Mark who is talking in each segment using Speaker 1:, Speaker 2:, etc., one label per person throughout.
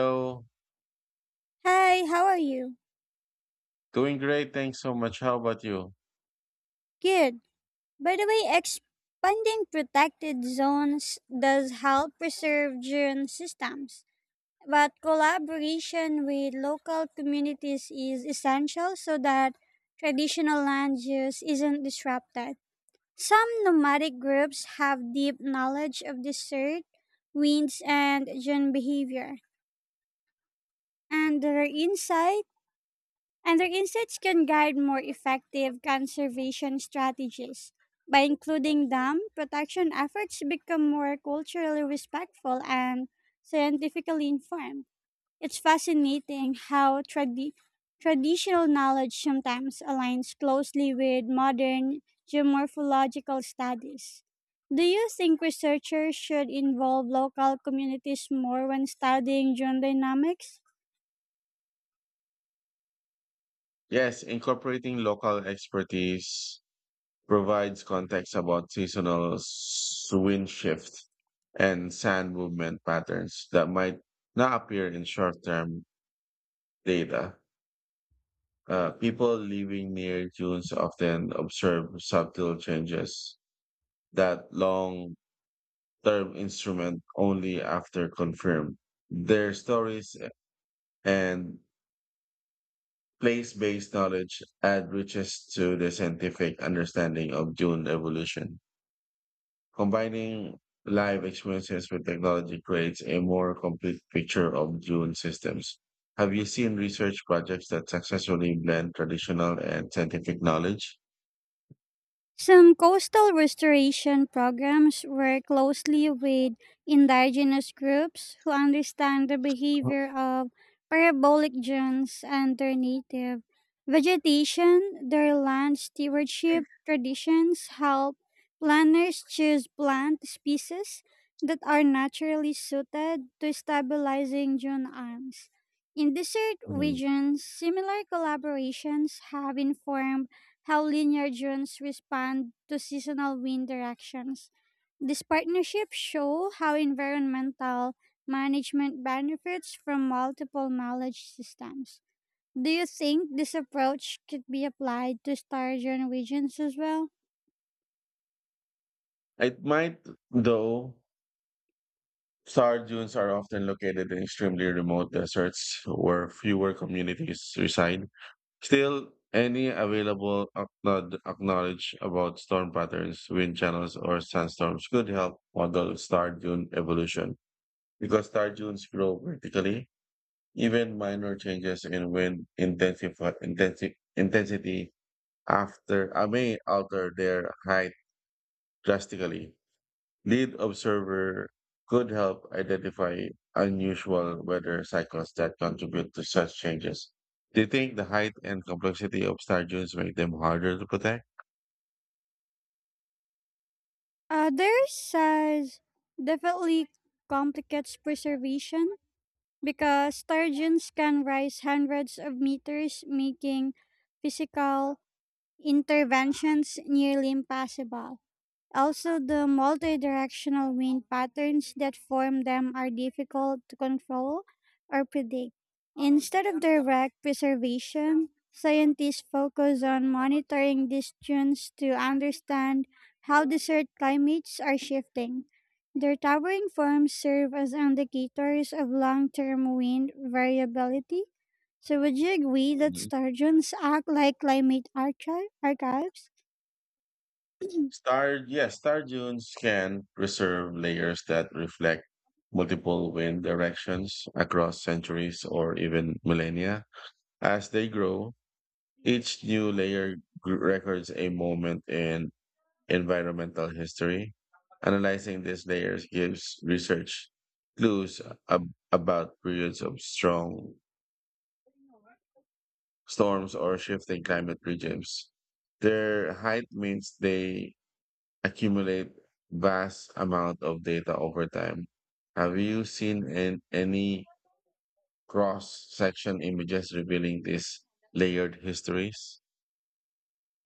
Speaker 1: So,
Speaker 2: Hi, how are you?
Speaker 1: doing great. Thanks so much. How about you?
Speaker 2: Good. By the way, expanding protected zones does help preserve dune systems, but collaboration with local communities is essential so that traditional land use isn't disrupted. Some nomadic groups have deep knowledge of desert, winds, and dune behavior, and their insight and their insights can guide more effective conservation strategies. By including them, protection efforts become more culturally respectful and scientifically informed. It's fascinating how traditional knowledge sometimes aligns closely with modern geomorphological studies. Do you think researchers should involve local communities more when studying geodynamics?
Speaker 1: Yes, incorporating local expertise provides context about seasonal wind shift and sand movement patterns that might not appear in short-term data. People living near dunes often observe subtle changes that long-term instrument only after confirmed. Their stories and place based knowledge adds riches to the scientific understanding of dune evolution. Combining live experiences with technology creates a more complete picture of dune systems. Have you seen research projects that successfully blend traditional and scientific knowledge?
Speaker 2: Some coastal restoration programs work closely with indigenous groups who understand the behavior of parabolic dunes and their native vegetation. Their land stewardship traditions help planners choose plant species that are naturally suited to stabilizing dune arms. In desert
Speaker 1: Hmm.
Speaker 2: regions, similar collaborations have informed how linear dunes respond to seasonal wind directions. These partnerships show how environmental management benefits from multiple knowledge systems. Do you think this approach could be applied to sturgeon regions as well?
Speaker 1: It might, though, star dunes are often located in extremely remote deserts where fewer communities reside. Still, any available acknowledge about storm patterns, wind channels, or sandstorms could help model star dune evolution. Because star dunes grow vertically, even minor changes in wind intensity after may alter their height drastically. Lead observer could help identify unusual weather cycles that contribute to such changes. Do you think the height and complexity of star dunes make them harder to protect?
Speaker 2: Others size definitely complicates preservation because sturgeons can rise hundreds of meters, making physical interventions nearly impossible. Also, the multi-directional wind patterns that form them are difficult to control or predict. Instead of direct preservation, scientists focus on monitoring these tunes to understand how desert climates are shifting. Their towering forms serve as indicators of long-term wind variability. So would you agree that
Speaker 1: Mhm.
Speaker 2: sturgeons act like climate archives?
Speaker 1: Yes, star dunes can preserve layers that reflect multiple wind directions across centuries or even millennia. As they grow, each new layer records a moment in environmental history. Analyzing these layers gives research clues about periods of strong storms or shifting climate regimes. Their height means they accumulate vast amount of data over time. Have you seen an any cross section images revealing these layered histories?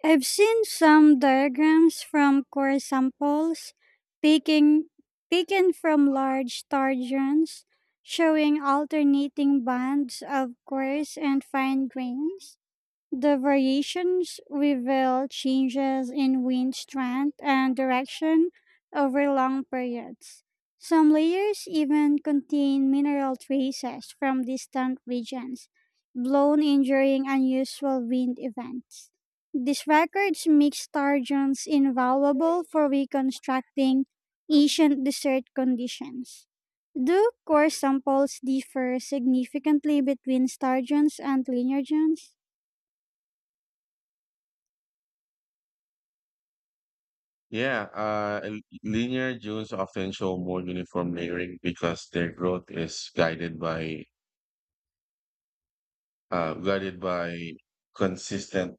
Speaker 2: I've seen some diagrams from core samples taking, taken from large targeons showing alternating bands of coarse and fine grains. The variations reveal changes in wind strength and direction over long periods. Some layers even contain mineral traces from distant regions, blown in during unusual wind events. These records make sturgeons invaluable for reconstructing ancient desert conditions. Do core samples differ significantly between sturgeons and linear genes?
Speaker 1: Yeah, linear dunes often show more uniform layering because their growth is guided by uh, guided by consistent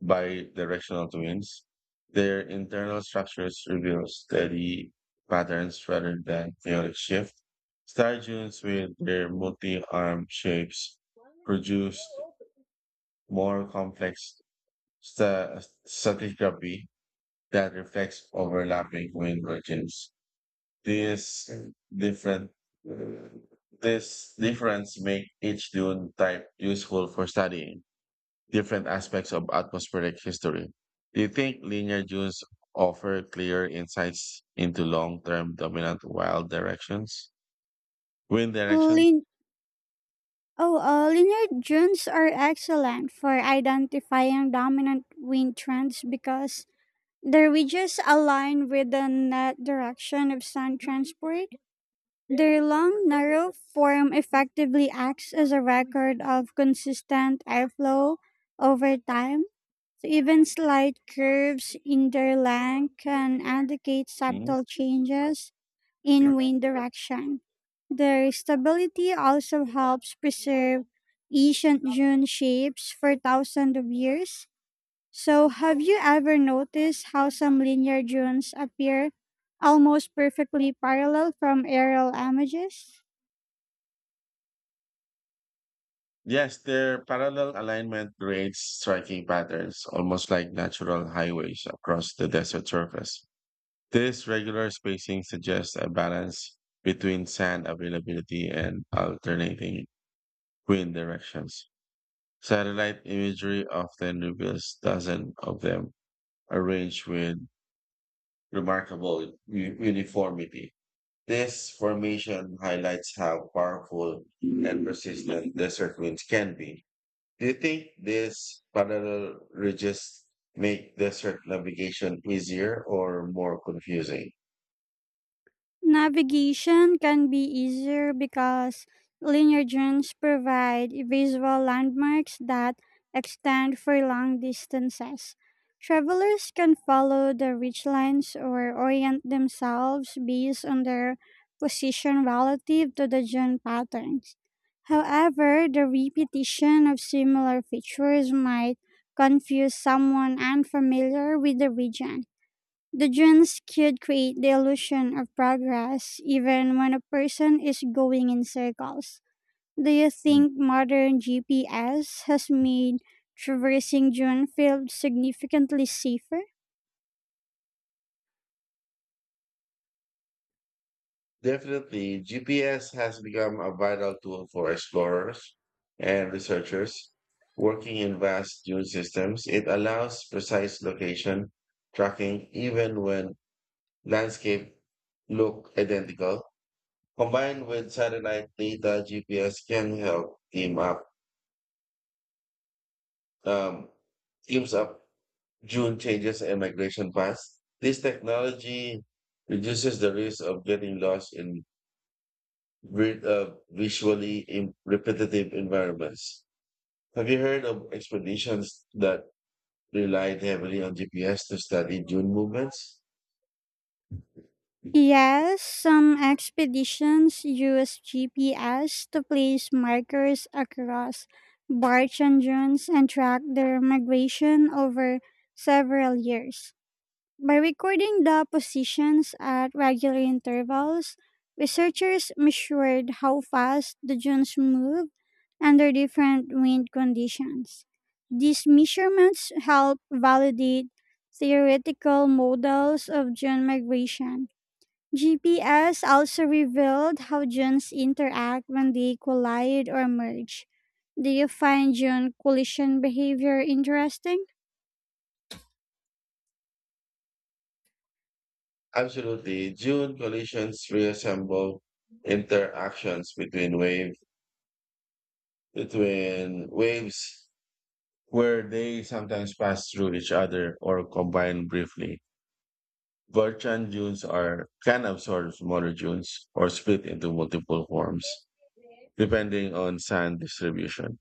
Speaker 1: bi-directional twins. Their internal structures reveal steady patterns rather than chaotic shift. Star dunes with their multi-arm shapes produce more complex sta- stratigraphy that reflects overlapping wind regions. These different this difference make each dune type useful for studying different aspects of atmospheric history. Do you think linear dunes offer clear insights into long-term dominant wild directions? Wind directions?
Speaker 2: Lin- Oh, Linear dunes are excellent for identifying dominant wind trends because their ridges align with the net direction of sun transport. Their long, narrow form effectively acts as a record of consistent airflow over time. So even slight curves in their length can indicate
Speaker 1: Mhm.
Speaker 2: subtle changes in wind direction. Their stability also helps preserve ancient dune shapes for thousands of years. So, have you ever noticed how some linear dunes appear almost perfectly parallel from aerial images?
Speaker 1: Yes, their parallel alignment creates striking patterns, almost like natural highways across the desert surface. This regular spacing suggests a balance between sand availability and alternating wind directions. Satellite imagery often reveals dozens of them arranged with remarkable uniformity. This formation highlights how powerful and persistent desert winds can be. Do you think these parallel ridges make desert navigation easier or more confusing?
Speaker 2: Navigation can be easier because linear drones provide visual landmarks that extend for long distances. Travelers can follow the ridgelines or orient themselves based on their position relative to the drone patterns. However, the repetition of similar features might confuse someone unfamiliar with the region. The genes could create the illusion of progress even when a person is going in circles. Do you think modern GPS has made traversing dune fields significantly safer?
Speaker 1: Definitely, GPS has become a vital tool for explorers and researchers working in vast dune systems. It allows precise location tracking even when landscape look identical. Combined with satellite data, GPS can help um, teams up dune changes and migration paths. This technology reduces the risk of getting lost in visually repetitive environments. Have you heard of expeditions that relied heavily on GPS to study dune movements?
Speaker 2: Yes, some expeditions use GPS to place markers across barch and dunes and track their migration over several years. By recording the positions at regular intervals, researchers measured how fast the dunes move under different wind conditions. These measurements help validate theoretical models of dune migration. GPS also revealed how dunes interact when they collide or merge. Do you find dune collision behavior interesting?
Speaker 1: Absolutely. Dune collisions reassemble interactions between wave between waves where they sometimes pass through each other or combine briefly. Virtual dunes are can absorb smaller dunes or split into multiple forms, depending on sand distribution.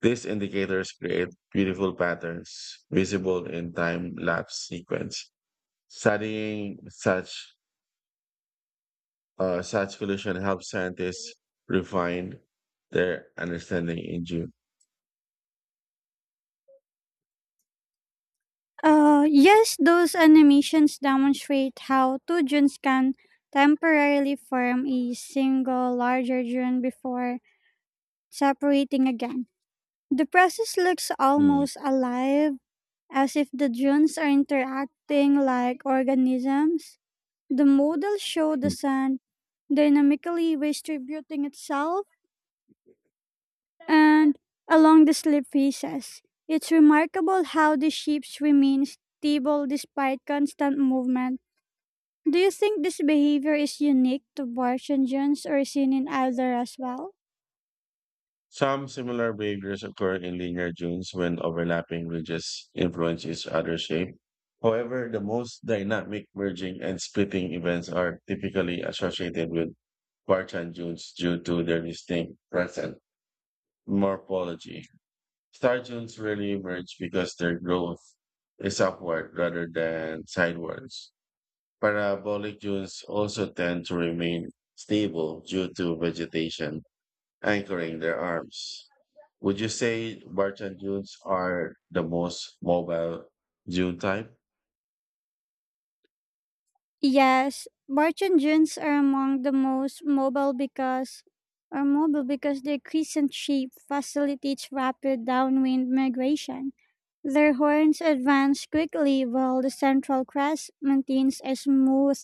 Speaker 1: These indicators create beautiful patterns visible in time lapse sequence. Studying such collision helps scientists refine their understanding in June.
Speaker 2: Yes, those animations demonstrate how two dunes can temporarily form a single larger dune before separating again. The process looks
Speaker 1: Mm.
Speaker 2: almost alive, as if the dunes are interacting like organisms. The model showed the sand dynamically distributing itself and along the slip faces. It's remarkable how the ships remain stable despite constant movement. Do you think this behavior is unique to Barchangians or seen in other as well?
Speaker 1: Some similar behaviors occur in linear dunes when overlapping ridges influence each other's shape. However, the most dynamic merging and splitting events are typically associated with Barchan dunes due to their distinct present morphology. Sturgeons really emerge because their growth is upward rather than sidewards. Parabolic dunes also tend to remain stable due to vegetation anchoring their arms. Would you say Bartan dunes are the most mobile dune type?
Speaker 2: Yes, barge engines are among the most mobile because their crescent shape facilitates rapid downwind migration. Their horns advance quickly while the central crest maintains a smooth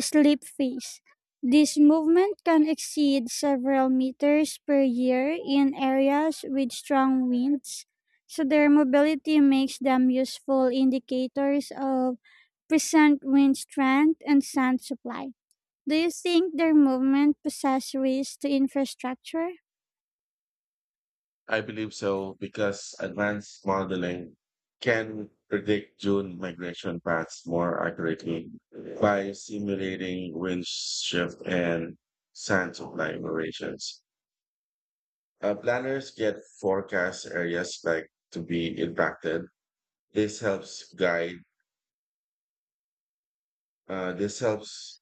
Speaker 2: slip phase. This movement can exceed several meters per year in areas with strong winds, so their mobility makes them useful indicators of present wind strength, and sand supply. Do you think their movement possesses risk to infrastructure?
Speaker 1: I believe so because advanced modeling can predict June migration paths more accurately by simulating wind shift and sand supply variations. Planners get forecast areas like to be impacted. This helps guide. This helps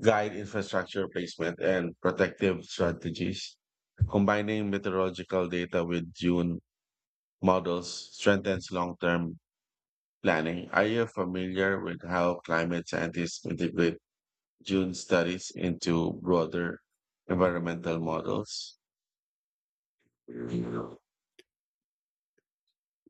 Speaker 1: guide infrastructure placement and protective strategies. Combining meteorological data with June models strengthens long-term planning, are you familiar with how climate scientists integrate dune studies into broader environmental models?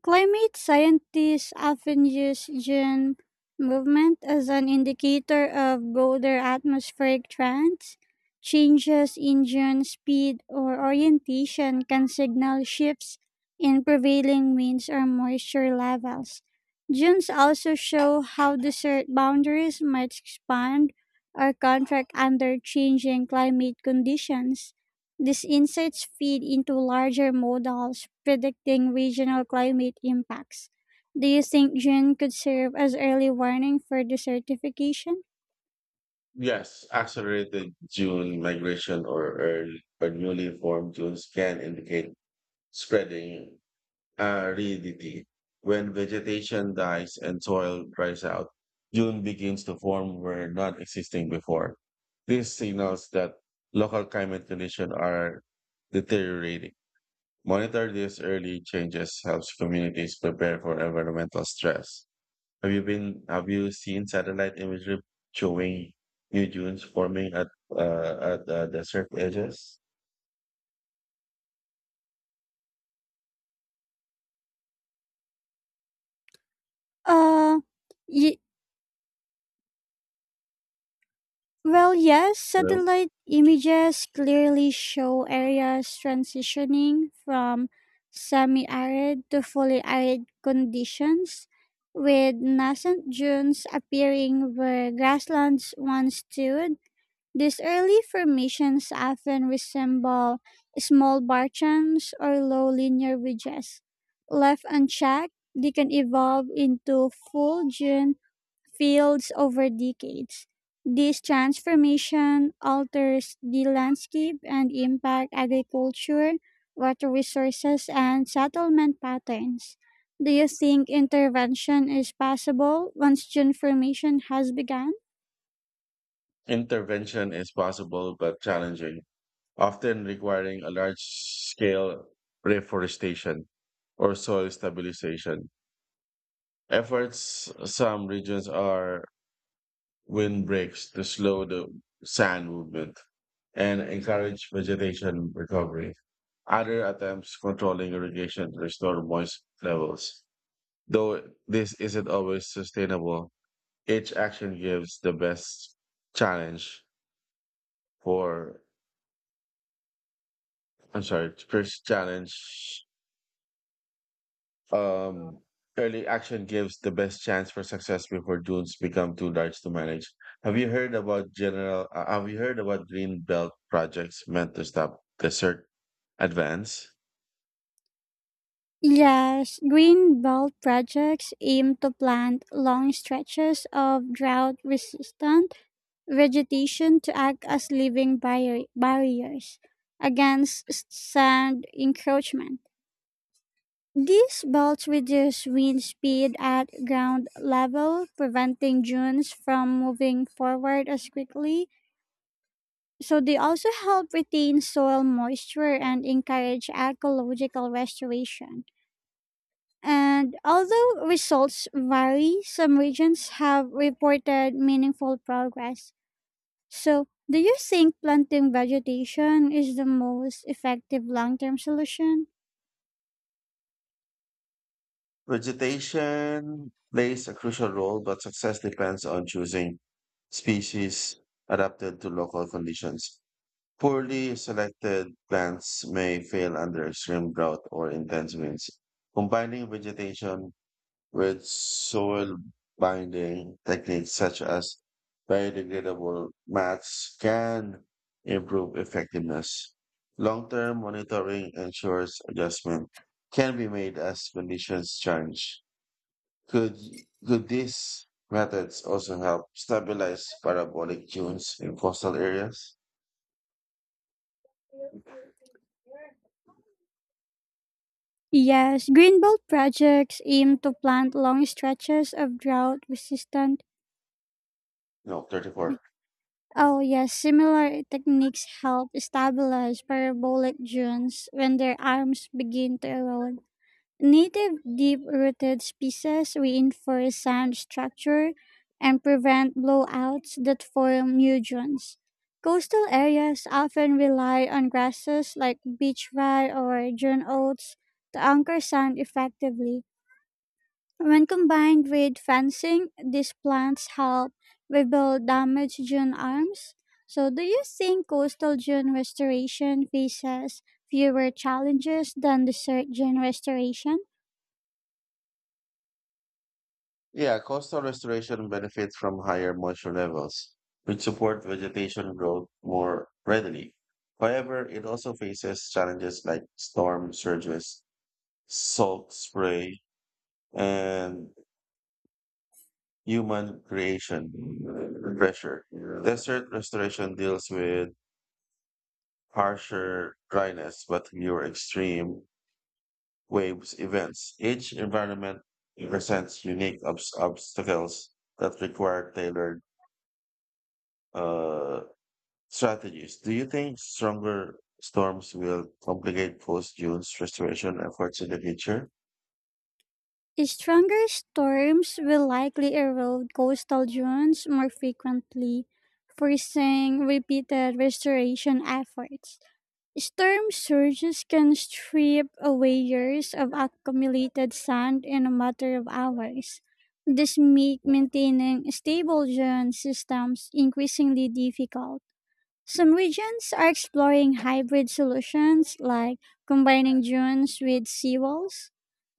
Speaker 2: Climate scientists often use gene movement as an indicator of broader atmospheric trends. Changes in gene speed or orientation can signal shifts in prevailing winds or moisture levels. Genes also show how desert boundaries might expand or contract under changing climate conditions. These insights feed into larger models predicting regional climate impacts. Do you think June could serve as early warning for desertification?
Speaker 1: Yes, accelerated dune migration or newly formed dunes can indicate spreading aridity. When vegetation dies and soil dries out, dune begins to form where not existing before. This signals that local climate conditions are deteriorating. Monitor these early changes helps communities prepare for environmental stress. Have you seen satellite imagery showing new dunes forming at the desert edges?
Speaker 2: Uh, y- yes,
Speaker 1: Hello?
Speaker 2: satellite images clearly show areas transitioning from semi arid to fully arid conditions, with nascent dunes appearing where grasslands once stood. These early formations often resemble small barchans or low linear ridges. Left unchecked, they can evolve into full dune fields over decades. This transformation alters the landscape and impact agriculture, water resources, and settlement patterns. Do you think intervention is possible once dune formation has begun?
Speaker 1: Intervention is possible but challenging, often requiring a large scale reforestation or soil stabilization. Efforts some regions are wind breaks to slow the sand movement and encourage vegetation recovery. Other attempts controlling irrigation to restore moist levels. Though this isn't always sustainable, each action gives the best challenge for, I'm sorry, first challenge Um, early action gives the best chance for success before dunes become too large to manage. Have you heard about general? Have you heard about green belt projects meant to stop desert advance?
Speaker 2: Yes, green belt projects aim to plant long stretches of drought resistant vegetation to act as living barriers against sand encroachment. These belts reduce wind speed at ground level, preventing dunes from moving forward as quickly. So they also help retain soil moisture and encourage ecological restoration. And although results vary, some regions have reported meaningful progress. So, do you think planting vegetation is the most effective long term solution?
Speaker 1: Vegetation plays a crucial role, but success depends on choosing species adapted to local conditions. Poorly selected plants may fail under extreme drought or intense winds. Combining vegetation with soil binding techniques such as biodegradable mats can improve effectiveness. Long-term monitoring ensures adjustment can be made as conditions change. Could, could these methods also help stabilize parabolic dunes in coastal areas?
Speaker 2: Yes, green belt projects aim to plant long stretches of drought resistant.
Speaker 1: No, 34.
Speaker 2: Oh, yes, similar techniques help stabilize parabolic dunes when their arms begin to erode. Native deep rooted species reinforce sand structure and prevent blowouts that form nudgeons. Coastal areas often rely on grasses like beach rye or June oats to anchor sand effectively. When combined with fencing, these plants help rebuild damaged dune arms. So, do you think coastal dune restoration faces fewer challenges than desert dune restoration?
Speaker 1: Yeah, coastal restoration benefits from higher moisture levels, which support vegetation growth more readily. However, it also faces challenges like storm surges, salt spray, and human creation pressure. Desert restoration deals with harsher dryness but fewer extreme waves events. Each environment presents unique obstacles that require tailored uh, strategies. Do you think stronger storms will complicate post June's restoration efforts in the future?
Speaker 2: Stronger storms will likely erode coastal dunes more frequently, forcing repeated restoration efforts. Storm surges can strip away years of accumulated sand in a matter of hours. This makes maintaining stable dune systems increasingly difficult. Some regions are exploring hybrid solutions like combining dunes with seawalls.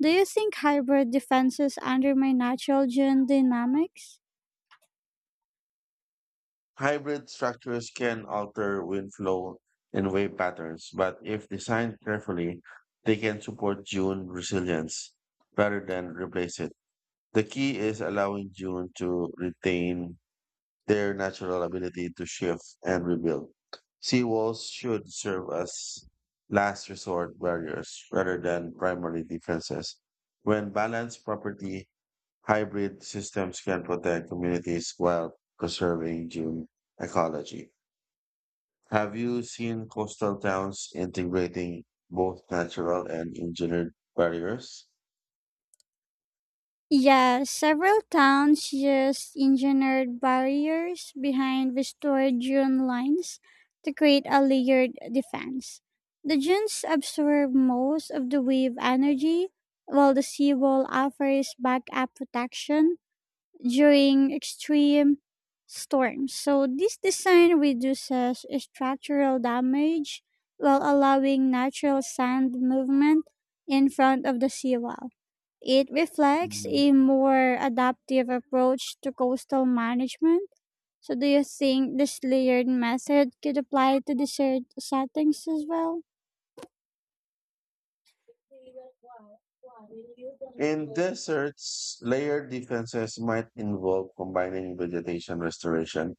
Speaker 2: Do you think hybrid defenses undermine natural dune dynamics?
Speaker 1: Hybrid structures can alter wind flow and wave patterns, but if designed carefully, they can support June resilience rather than replace it. The key is allowing June to retain their natural ability to shift and rebuild. Seawalls should serve as last resort barriers rather than primary defenses. When balanced properly, hybrid systems can protect communities while preserving gym ecology. Have you seen coastal towns integrating both natural and engineered barriers?
Speaker 2: Yes, several towns use engineered barriers behind restored dune lines to create a layered defense. The dunes absorb most of the wave energy, while the seawall offers backup protection during extreme storms. So this design reduces structural damage while allowing natural sand movement in front of the seawall. It reflects
Speaker 1: Mhm.
Speaker 2: a more adaptive approach to coastal management. So do you think this layered method could apply to desert settings as well?
Speaker 1: In deserts, layered defenses might involve combining vegetation restoration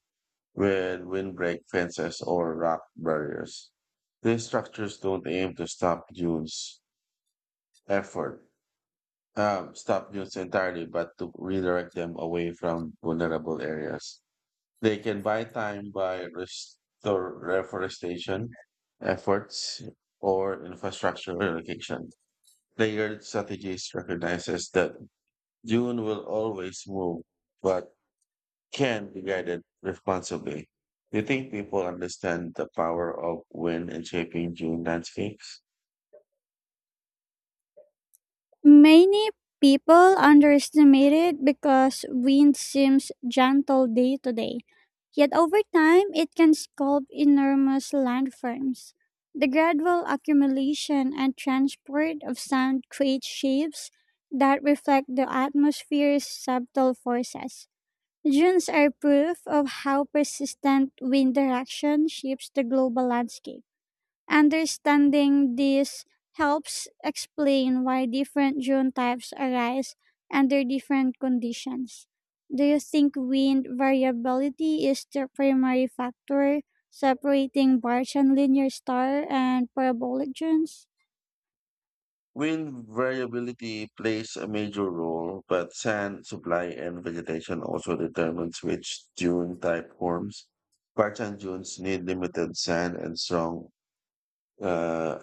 Speaker 1: with windbreak fences or rock barriers. These structures don't aim to effort, stop dunes entirely, but to redirect them away from vulnerable areas. They can buy time by restore reforestation efforts or infrastructure relocation. Layered strategies recognizes that dune will always move, but can be guided responsibly. Do you think people understand the power of wind in shaping dune landscapes?
Speaker 2: Many people underestimate it because wind seems gentle day to day, yet over time it can sculpt enormous landforms. The gradual accumulation and transport of sand creates shapes that reflect the atmosphere's subtle forces. Dunes are proof of how persistent wind direction shapes the global landscape. Understanding this helps explain why different dune types arise under different conditions. Do you think wind variability is the primary factor separating Bartian linear star and parabolic dunes?
Speaker 1: Wind variability plays a major role, but sand supply and vegetation also determines which dune type forms. Parchan dunes need limited sand and strong uh,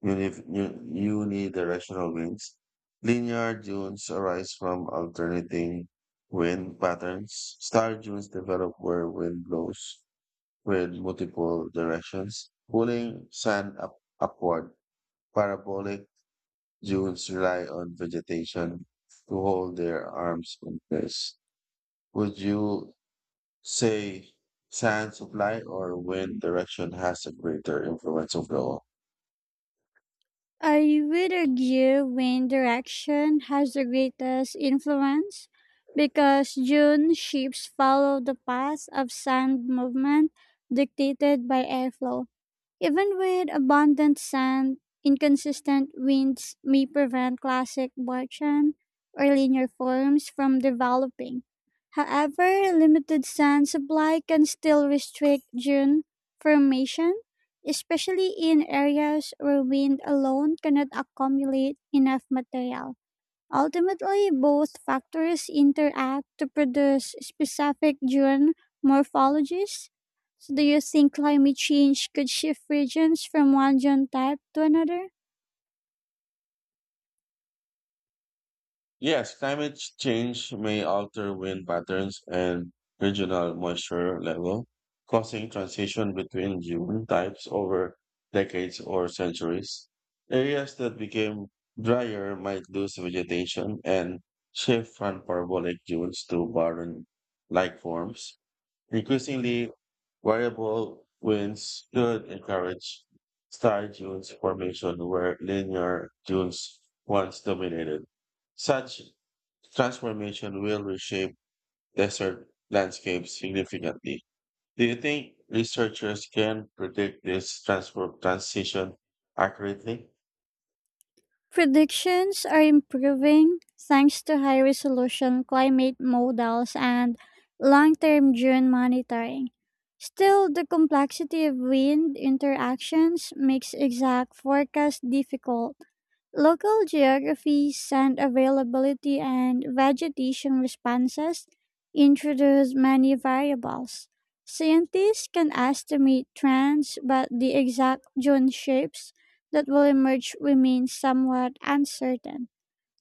Speaker 1: unidirectional winds. Linear dunes arise from alternating wind patterns. Star dunes develop where wind blows with multiple directions. Pulling sand upward, parabolic dunes rely on vegetation to hold their arms in place. Would you say sand supply or wind direction has a greater influence overall?
Speaker 2: I would argue wind direction has the greatest influence because dune shapes follow the path of sand movement dictated by airflow. Even with abundant sand, inconsistent winds may prevent classic Barchan or linear forms from developing. However, limited sand supply can still restrict dune formation, especially in areas where wind alone cannot accumulate enough material. Ultimately, both factors interact to produce specific dune morphologies. So, do you think climate change could shift regions from one dune type to another?
Speaker 1: Yes, climate change may alter wind patterns and regional moisture level, causing transition between dune types over decades or centuries. Areas that became drier might lose vegetation and shift from parabolic dunes to barren-like forms. Increasingly, variable winds should encourage star dunes formation where linear dunes once dominated. Such transformation will reshape desert landscapes significantly. Do you think researchers can predict this transfer transition accurately?
Speaker 2: Predictions are improving thanks to high resolution climate models and long term dune monitoring. Still, the complexity of wind interactions makes exact forecast difficult. Local geography, sand availability, and vegetation responses introduce many variables. Scientists can estimate trends, but the exact dune shapes that will emerge remain somewhat uncertain.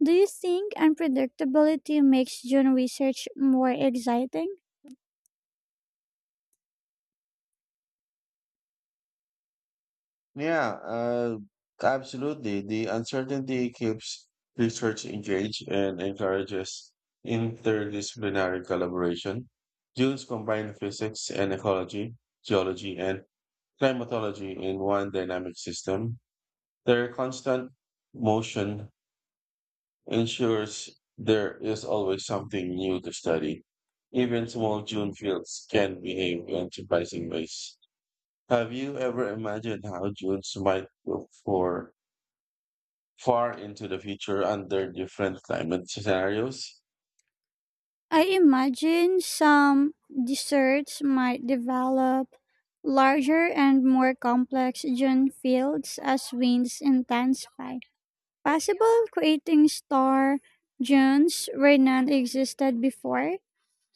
Speaker 2: Do you think unpredictability makes dune research more exciting?
Speaker 1: Yeah, absolutely. The uncertainty keeps research engaged and encourages interdisciplinary collaboration. Dunes combine physics and ecology, geology, and climatology in one dynamic system. Their constant motion ensures there is always something new to study. Even small dune fields can behave in surprising ways. Have you ever imagined how dunes might look for far into the future under different climate scenarios.
Speaker 2: I imagine some desserts might develop larger and more complex dune fields as winds intensify, possible creating star dunes where none existed before.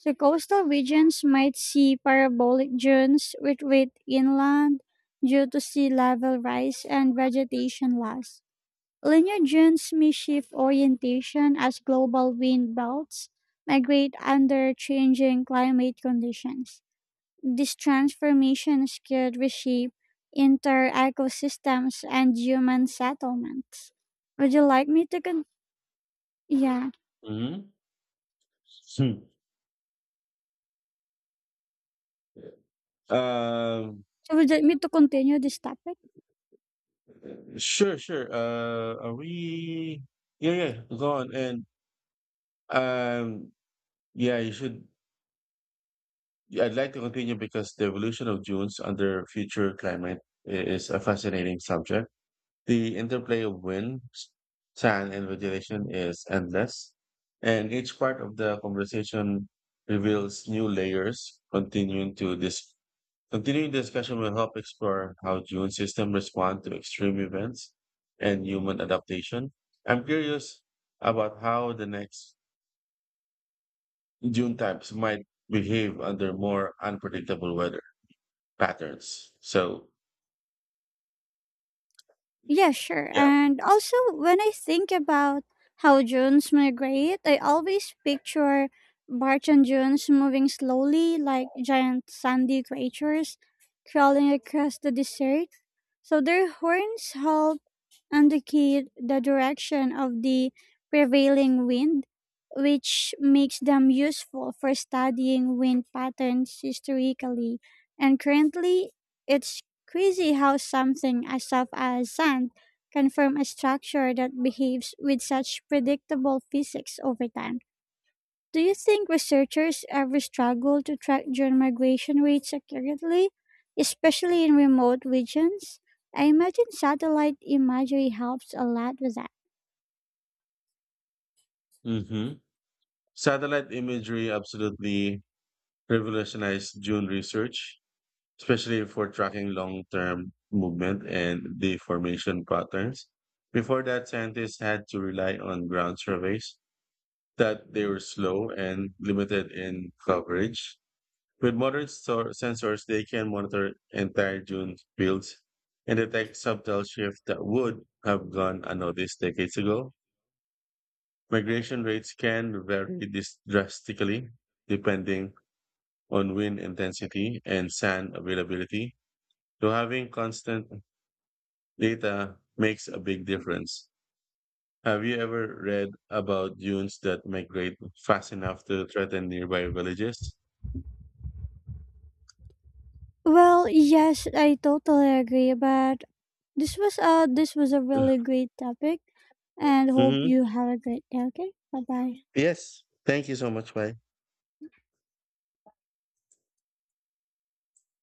Speaker 2: The coastal regions might see parabolic dunes which wait inland due to sea level rise and vegetation loss. Linear dunes may shift orientation as global wind belts migrate under changing climate conditions. These transformations could reshape inter ecosystems and human settlements. Would you like me to con- yeah?
Speaker 1: Mm-hmm. Hmm. Um,
Speaker 2: So would you like me to continue this topic?
Speaker 1: sure, sure. Are we? Yeah, yeah. Go on. And um, yeah, you should. I'd like to continue because the evolution of dunes under future climate is a fascinating subject. The interplay of wind, sand, and vegetation is endless, and each part of the conversation reveals new layers continuing to this Continuing the discussion will help explore how June's systems respond to extreme events and human adaptation. I'm curious about how the next June types might behave under more unpredictable weather patterns. So,
Speaker 2: Yeah, sure.
Speaker 1: yeah.
Speaker 2: And also, when I think about how Junes migrate, I always picture Barch and Junes moving slowly like giant sandy creatures crawling across the desert. So their horns help indicate the direction of the prevailing wind, which makes them useful for studying wind patterns historically. And currently, it's crazy how something as soft as sand can form a structure that behaves with such predictable physics over time. Do you think researchers ever struggle to track drone migration rates accurately, especially in remote regions? I imagine satellite imagery helps a lot with that.
Speaker 1: Hmm. Satellite imagery absolutely revolutionized June research, especially for tracking long term movement and deformation patterns. Before that, scientists had to rely on ground surveys that they were slow and limited in coverage. With modern sensors, they can monitor entire dune fields and detect subtle shifts that would have gone unnoticed decades ago. Migration rates can vary this drastically depending on wind intensity and sand availability. So having constant data makes a big difference. Have you ever read about dunes that migrate fast enough to threaten nearby villages?
Speaker 2: Well, yes, I totally agree, but this was a really great topic and hope
Speaker 1: Hmm.
Speaker 2: you have a great day, okay? Bye-bye.
Speaker 1: Yes. Thank you so much. Bye.